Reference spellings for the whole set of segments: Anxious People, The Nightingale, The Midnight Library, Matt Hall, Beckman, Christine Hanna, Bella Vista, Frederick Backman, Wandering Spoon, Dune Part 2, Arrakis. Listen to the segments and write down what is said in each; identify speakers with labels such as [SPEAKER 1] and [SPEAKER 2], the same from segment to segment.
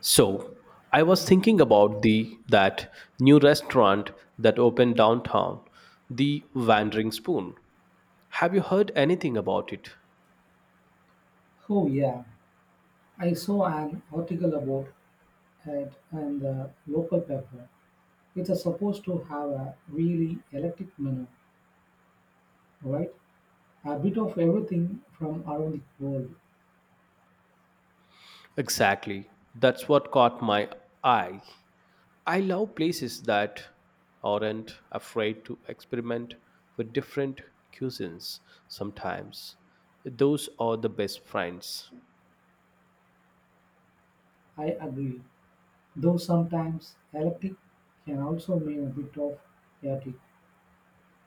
[SPEAKER 1] So, I was thinking about the that new restaurant that opened downtown, the Wandering Spoon. Have you heard anything about it?
[SPEAKER 2] Oh yeah, I saw an article about it in the local paper. It's a supposed to have a really electric menu, right? A bit of everything from around the world.
[SPEAKER 1] Exactly. That's what caught my eye. I love places that aren't afraid to experiment with different cuisines sometimes. Those are the best friends.
[SPEAKER 2] I agree. Though sometimes electric can also mean a bit of chaotic.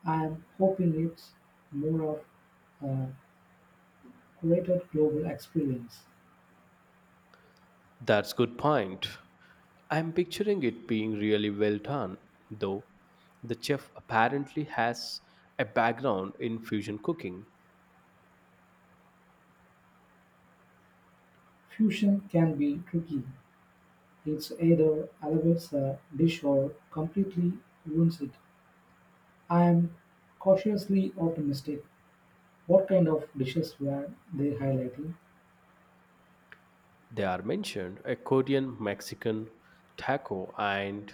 [SPEAKER 2] I am hoping it's more of a curated global experience.
[SPEAKER 1] That's good point. I'm picturing it being really well done, though. The chef apparently has a background in fusion cooking.
[SPEAKER 2] Fusion can be tricky. It's either elevates a dish or completely ruins it. I am cautiously optimistic. What kind of dishes were they highlighting?
[SPEAKER 1] They are mentioned a Korean Mexican taco and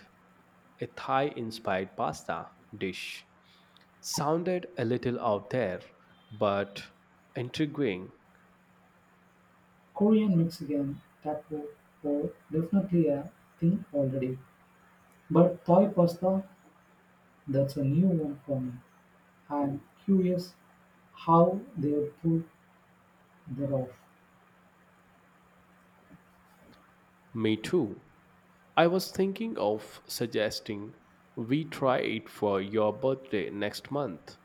[SPEAKER 1] a Thai inspired pasta dish. Sounded a little out there, but intriguing.
[SPEAKER 2] Korean, Mexican, taco, or definitely a thing already. But Thai pasta, that's a new one for me. I'm curious how they pull that off.
[SPEAKER 1] Me too. I was thinking of suggesting we try it for your birthday next month.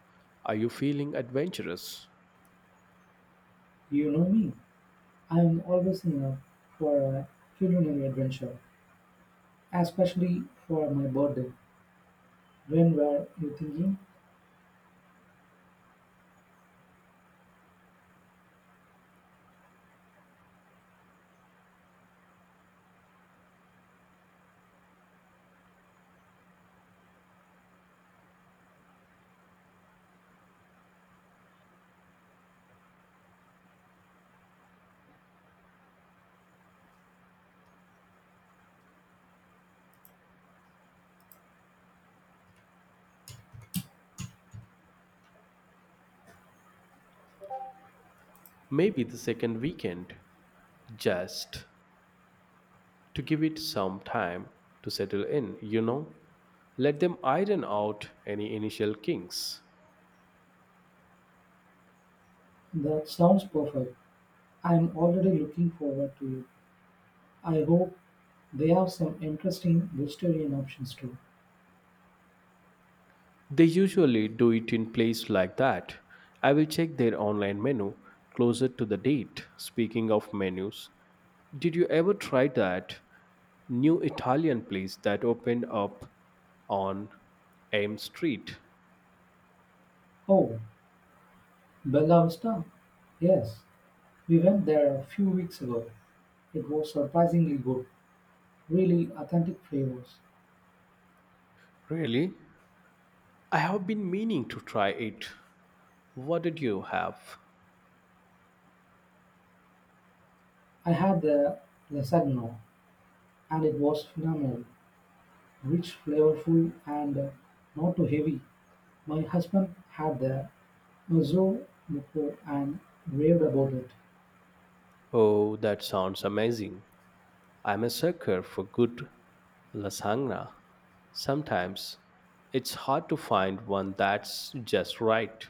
[SPEAKER 1] Are you feeling adventurous?
[SPEAKER 2] You know me. I'm always in a for a culinary adventure, especially for my birthday. When were you thinking?
[SPEAKER 1] Maybe the second weekend, just to give it some time to settle in, you know? Let them iron out any initial kinks.
[SPEAKER 2] That sounds perfect. I'm already looking forward to it. I hope they have some interesting vegetarian options too.
[SPEAKER 1] They usually do it in places like that. I will check their online menu closer to the date. Speaking of menus, did you ever try that new Italian place that opened up on Ames Street?
[SPEAKER 2] Oh, Bella Vista? Yes, we went there a few weeks ago. It was surprisingly good, really authentic flavors.
[SPEAKER 1] Really? I have been meaning to try it. What did you have?
[SPEAKER 2] I had the lasagna and it was phenomenal, rich, flavorful, and not too heavy. My husband had the mezzo before and raved about it.
[SPEAKER 1] Oh, that sounds amazing. I'm a sucker for good lasagna. Sometimes it's hard to find one that's just right.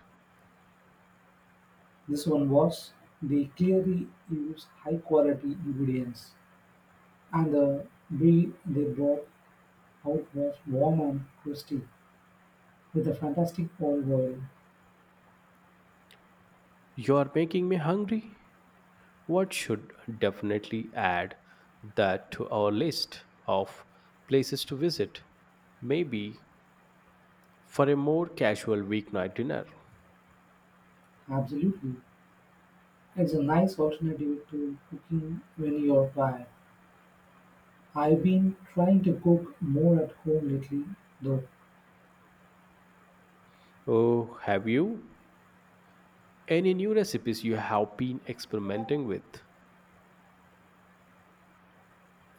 [SPEAKER 2] This one was they clearly use high quality ingredients. And the brie they brought out was warm and crusty, with a fantastic olive oil.
[SPEAKER 1] You're making me hungry. What should definitely add that to our list of places to visit? Maybe for a more casual weeknight dinner.
[SPEAKER 2] Absolutely. It's a nice alternative to cooking when you're tired. I've been trying to cook more at home lately, though.
[SPEAKER 1] Oh, have you? Any new recipes you have been experimenting with?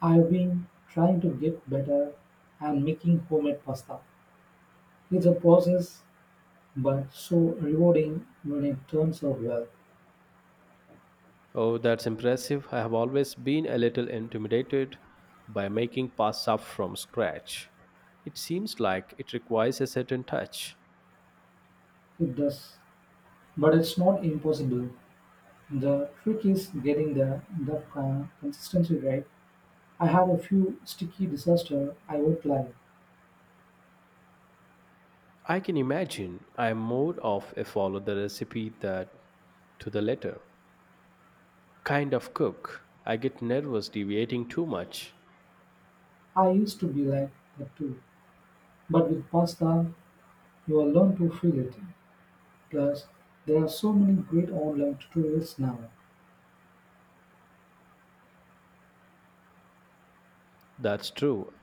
[SPEAKER 2] I've been trying to get better and making homemade pasta. It's a process, but so rewarding when it turns out well.
[SPEAKER 1] Oh, that's impressive. I have always been a little intimidated by making pasta from scratch. It seems like it requires a certain touch.
[SPEAKER 2] It does. But it's not impossible. The trick is getting the consistency right. I had a few sticky disasters, I won't lie.
[SPEAKER 1] I can imagine I'm more of a follow the recipe that to the letter kind of cook. I get nervous deviating too much.
[SPEAKER 2] I used to be like that too. But with pasta, you will learn to feel it. Plus, there are so many great online tutorials now.
[SPEAKER 1] That's true.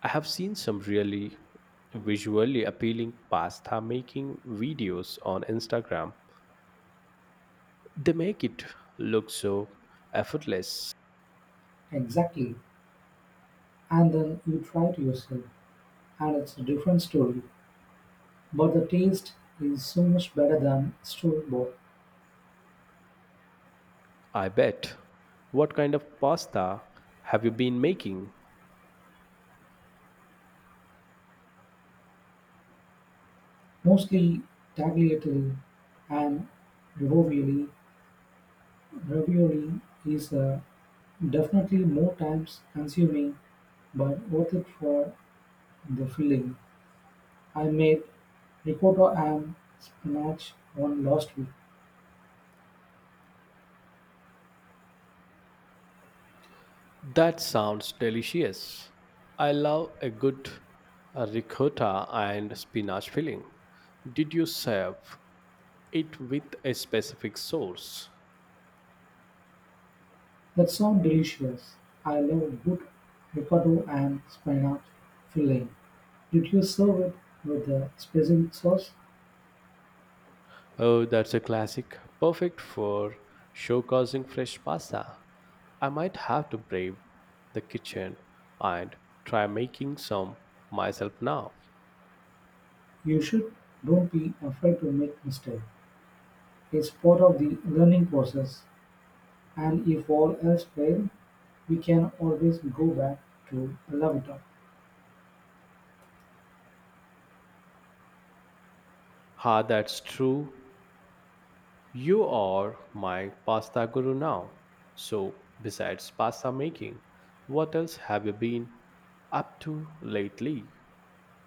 [SPEAKER 1] I have seen some really visually appealing pasta making videos on Instagram. They make it look so effortless.
[SPEAKER 2] Exactly. And then you try it yourself, and it's a different story. But the taste is so much better than store bought.
[SPEAKER 1] I bet. What kind of pasta have you been making?
[SPEAKER 2] Mostly tagliatelle and ravioli. Ravioli is definitely more times consuming, but worth it for the filling. I made ricotta and spinach one last week.
[SPEAKER 1] That sounds delicious. I love a good ricotta and spinach filling. Did you serve it with a specific sauce?
[SPEAKER 2] That sounds delicious. I love good ricotta and spinach filling. Did you serve it with a specific sauce?
[SPEAKER 1] Oh, that's a classic, perfect for showcasing fresh pasta. I might have to brave the kitchen and try making some myself now.
[SPEAKER 2] You should. Don't be afraid to make mistakes. It's part of the learning process. And if all else fails, we can always go back to lavita.
[SPEAKER 1] Ah, that's true. You are my pasta guru now. So, besides pasta making, what else have you been up to lately?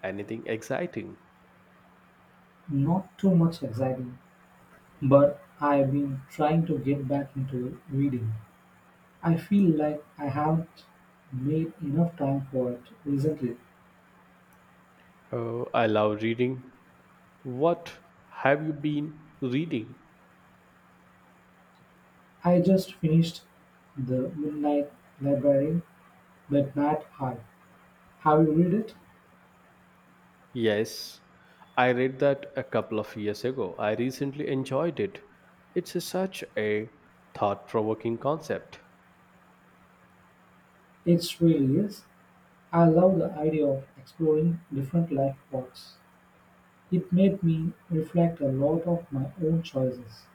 [SPEAKER 1] Anything exciting?
[SPEAKER 2] Not too much exciting, but I've been trying to get back into reading. I feel like I haven't made enough time for it recently.
[SPEAKER 1] Oh, I love reading. What have you been reading?
[SPEAKER 2] I just finished The Midnight Library by Matt Hall. Have you read it?
[SPEAKER 1] Yes, I read that a couple of years ago. I recently enjoyed it. It's such a thought provoking concept.
[SPEAKER 2] It really is. I love the idea of exploring different life paths. It made me reflect a lot of my own choices.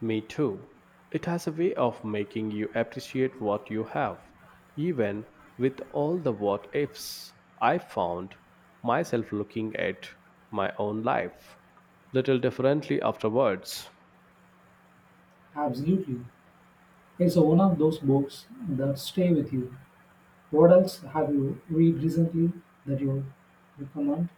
[SPEAKER 1] Me too. It has a way of making you appreciate what you have, even with all the what ifs. I found myself looking at my own life little differently afterwards.
[SPEAKER 2] Absolutely. It's one of those books that stay with you. What else have you read recently that you recommend?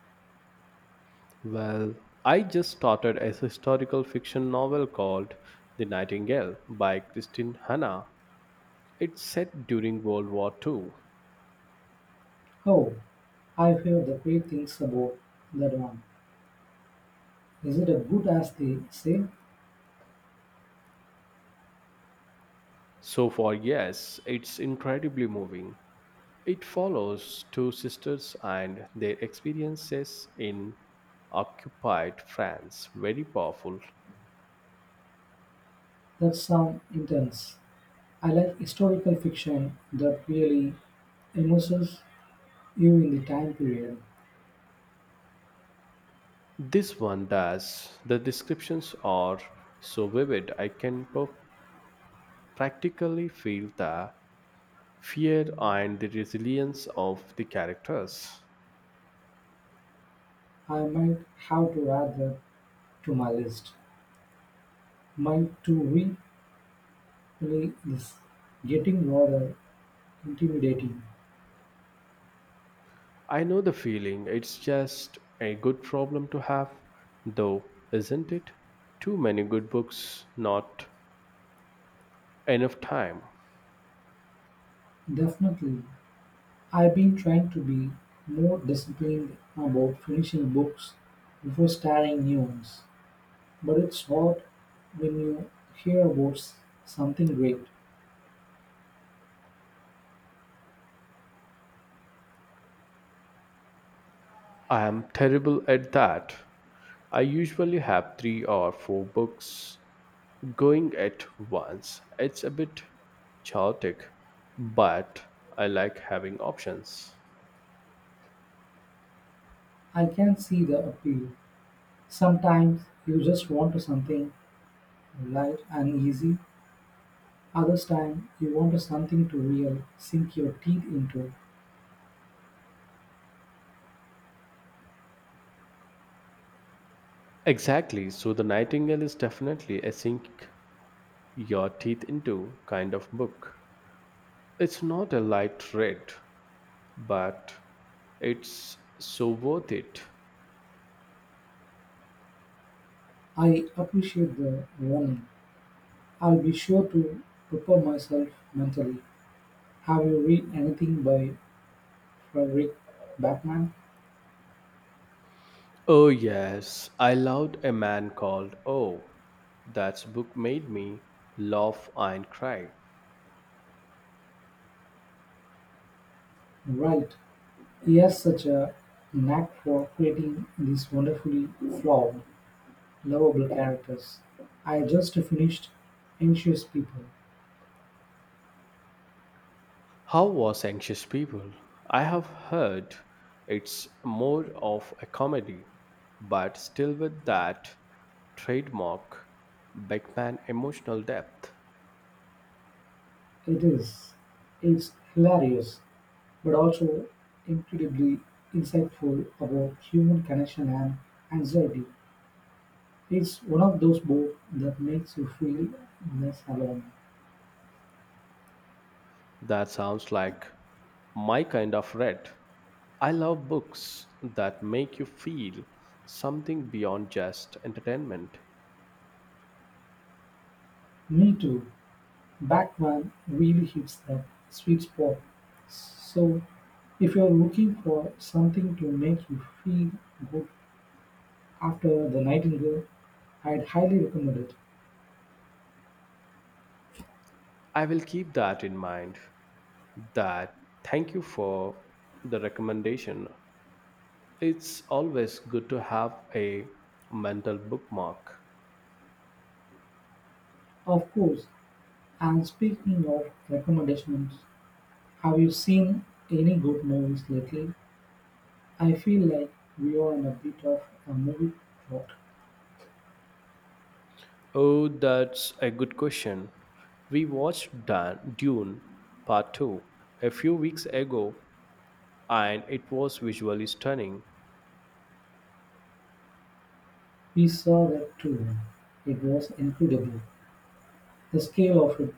[SPEAKER 1] Well, I just started a historical fiction novel called The Nightingale by Christine Hanna. It's set during World War II.
[SPEAKER 2] Oh, I've heard the great things about that one. Is it as good as they say?
[SPEAKER 1] So far, yes, it's incredibly moving. It follows two sisters and their experiences in occupied France. Very powerful.
[SPEAKER 2] That sounds intense. I like historical fiction that really immerses you in the time period.
[SPEAKER 1] This one does. The descriptions are so vivid. Practically feel the fear and the resilience of the characters.
[SPEAKER 2] I might have to add that to my list. My to-read really is getting rather intimidating.
[SPEAKER 1] I know the feeling. It's just a good problem to have, though, isn't it? Too many good books, not enough time.
[SPEAKER 2] Definitely. I've been trying to be more disciplined about finishing books before starting new ones. But it's hot when you hear about something great.
[SPEAKER 1] I am terrible at that. I usually have three or four books going at once. It's a bit chaotic, but I like having options.
[SPEAKER 2] I can see the appeal. Sometimes you just want to something light and easy. Others time you want to something to real sink your teeth into.
[SPEAKER 1] Exactly, so The Nightingale is definitely a sink your teeth into kind of book. It's not a light read, but it's so worth it.
[SPEAKER 2] I appreciate the warning. I'll be sure to prepare myself mentally. Have you read anything by Frederick Backman?
[SPEAKER 1] Oh, yes, I loved a man called Oh. That book made me laugh and cry.
[SPEAKER 2] Right. He has such a knack for creating these wonderfully flawed lovable characters. I just finished "Anxious People",
[SPEAKER 1] How was Anxious People? I have heard it's more of a comedy, but still with that trademark Beckman emotional depth.
[SPEAKER 2] it is, it's hilarious but also incredibly insightful about human connection and anxiety. It's one of those books that makes you feel less alone.
[SPEAKER 1] That sounds like my kind of read. I love books that make you feel something beyond just entertainment.
[SPEAKER 2] Me too. Batman really hits that sweet spot. So, if you're looking for something to make you feel good after The Nightingale, I'd highly recommend it.
[SPEAKER 1] I will keep that in mind. That thank you for the recommendation. It's always good to have a mental bookmark.
[SPEAKER 2] Of course, and speaking of recommendations, have you seen any good movies lately? I feel like we are in a bit of a movie drought.
[SPEAKER 1] Oh, that's a good question. We watched Dune Part 2 a few weeks ago and it was visually stunning.
[SPEAKER 2] We saw that too. It was incredible. The scale of it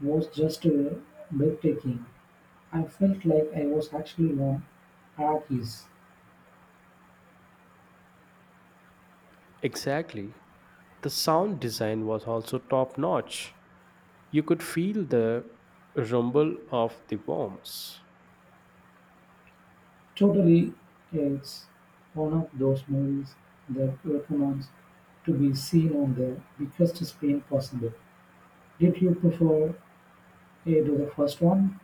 [SPEAKER 2] was just breathtaking. I felt like I was actually on Arrakis.
[SPEAKER 1] Exactly. The sound design was also top notch. You could feel the rumble of the bombs.
[SPEAKER 2] Totally, it's one of those movies that recommends to be seen on the biggest screen possible. Did you prefer you do the first one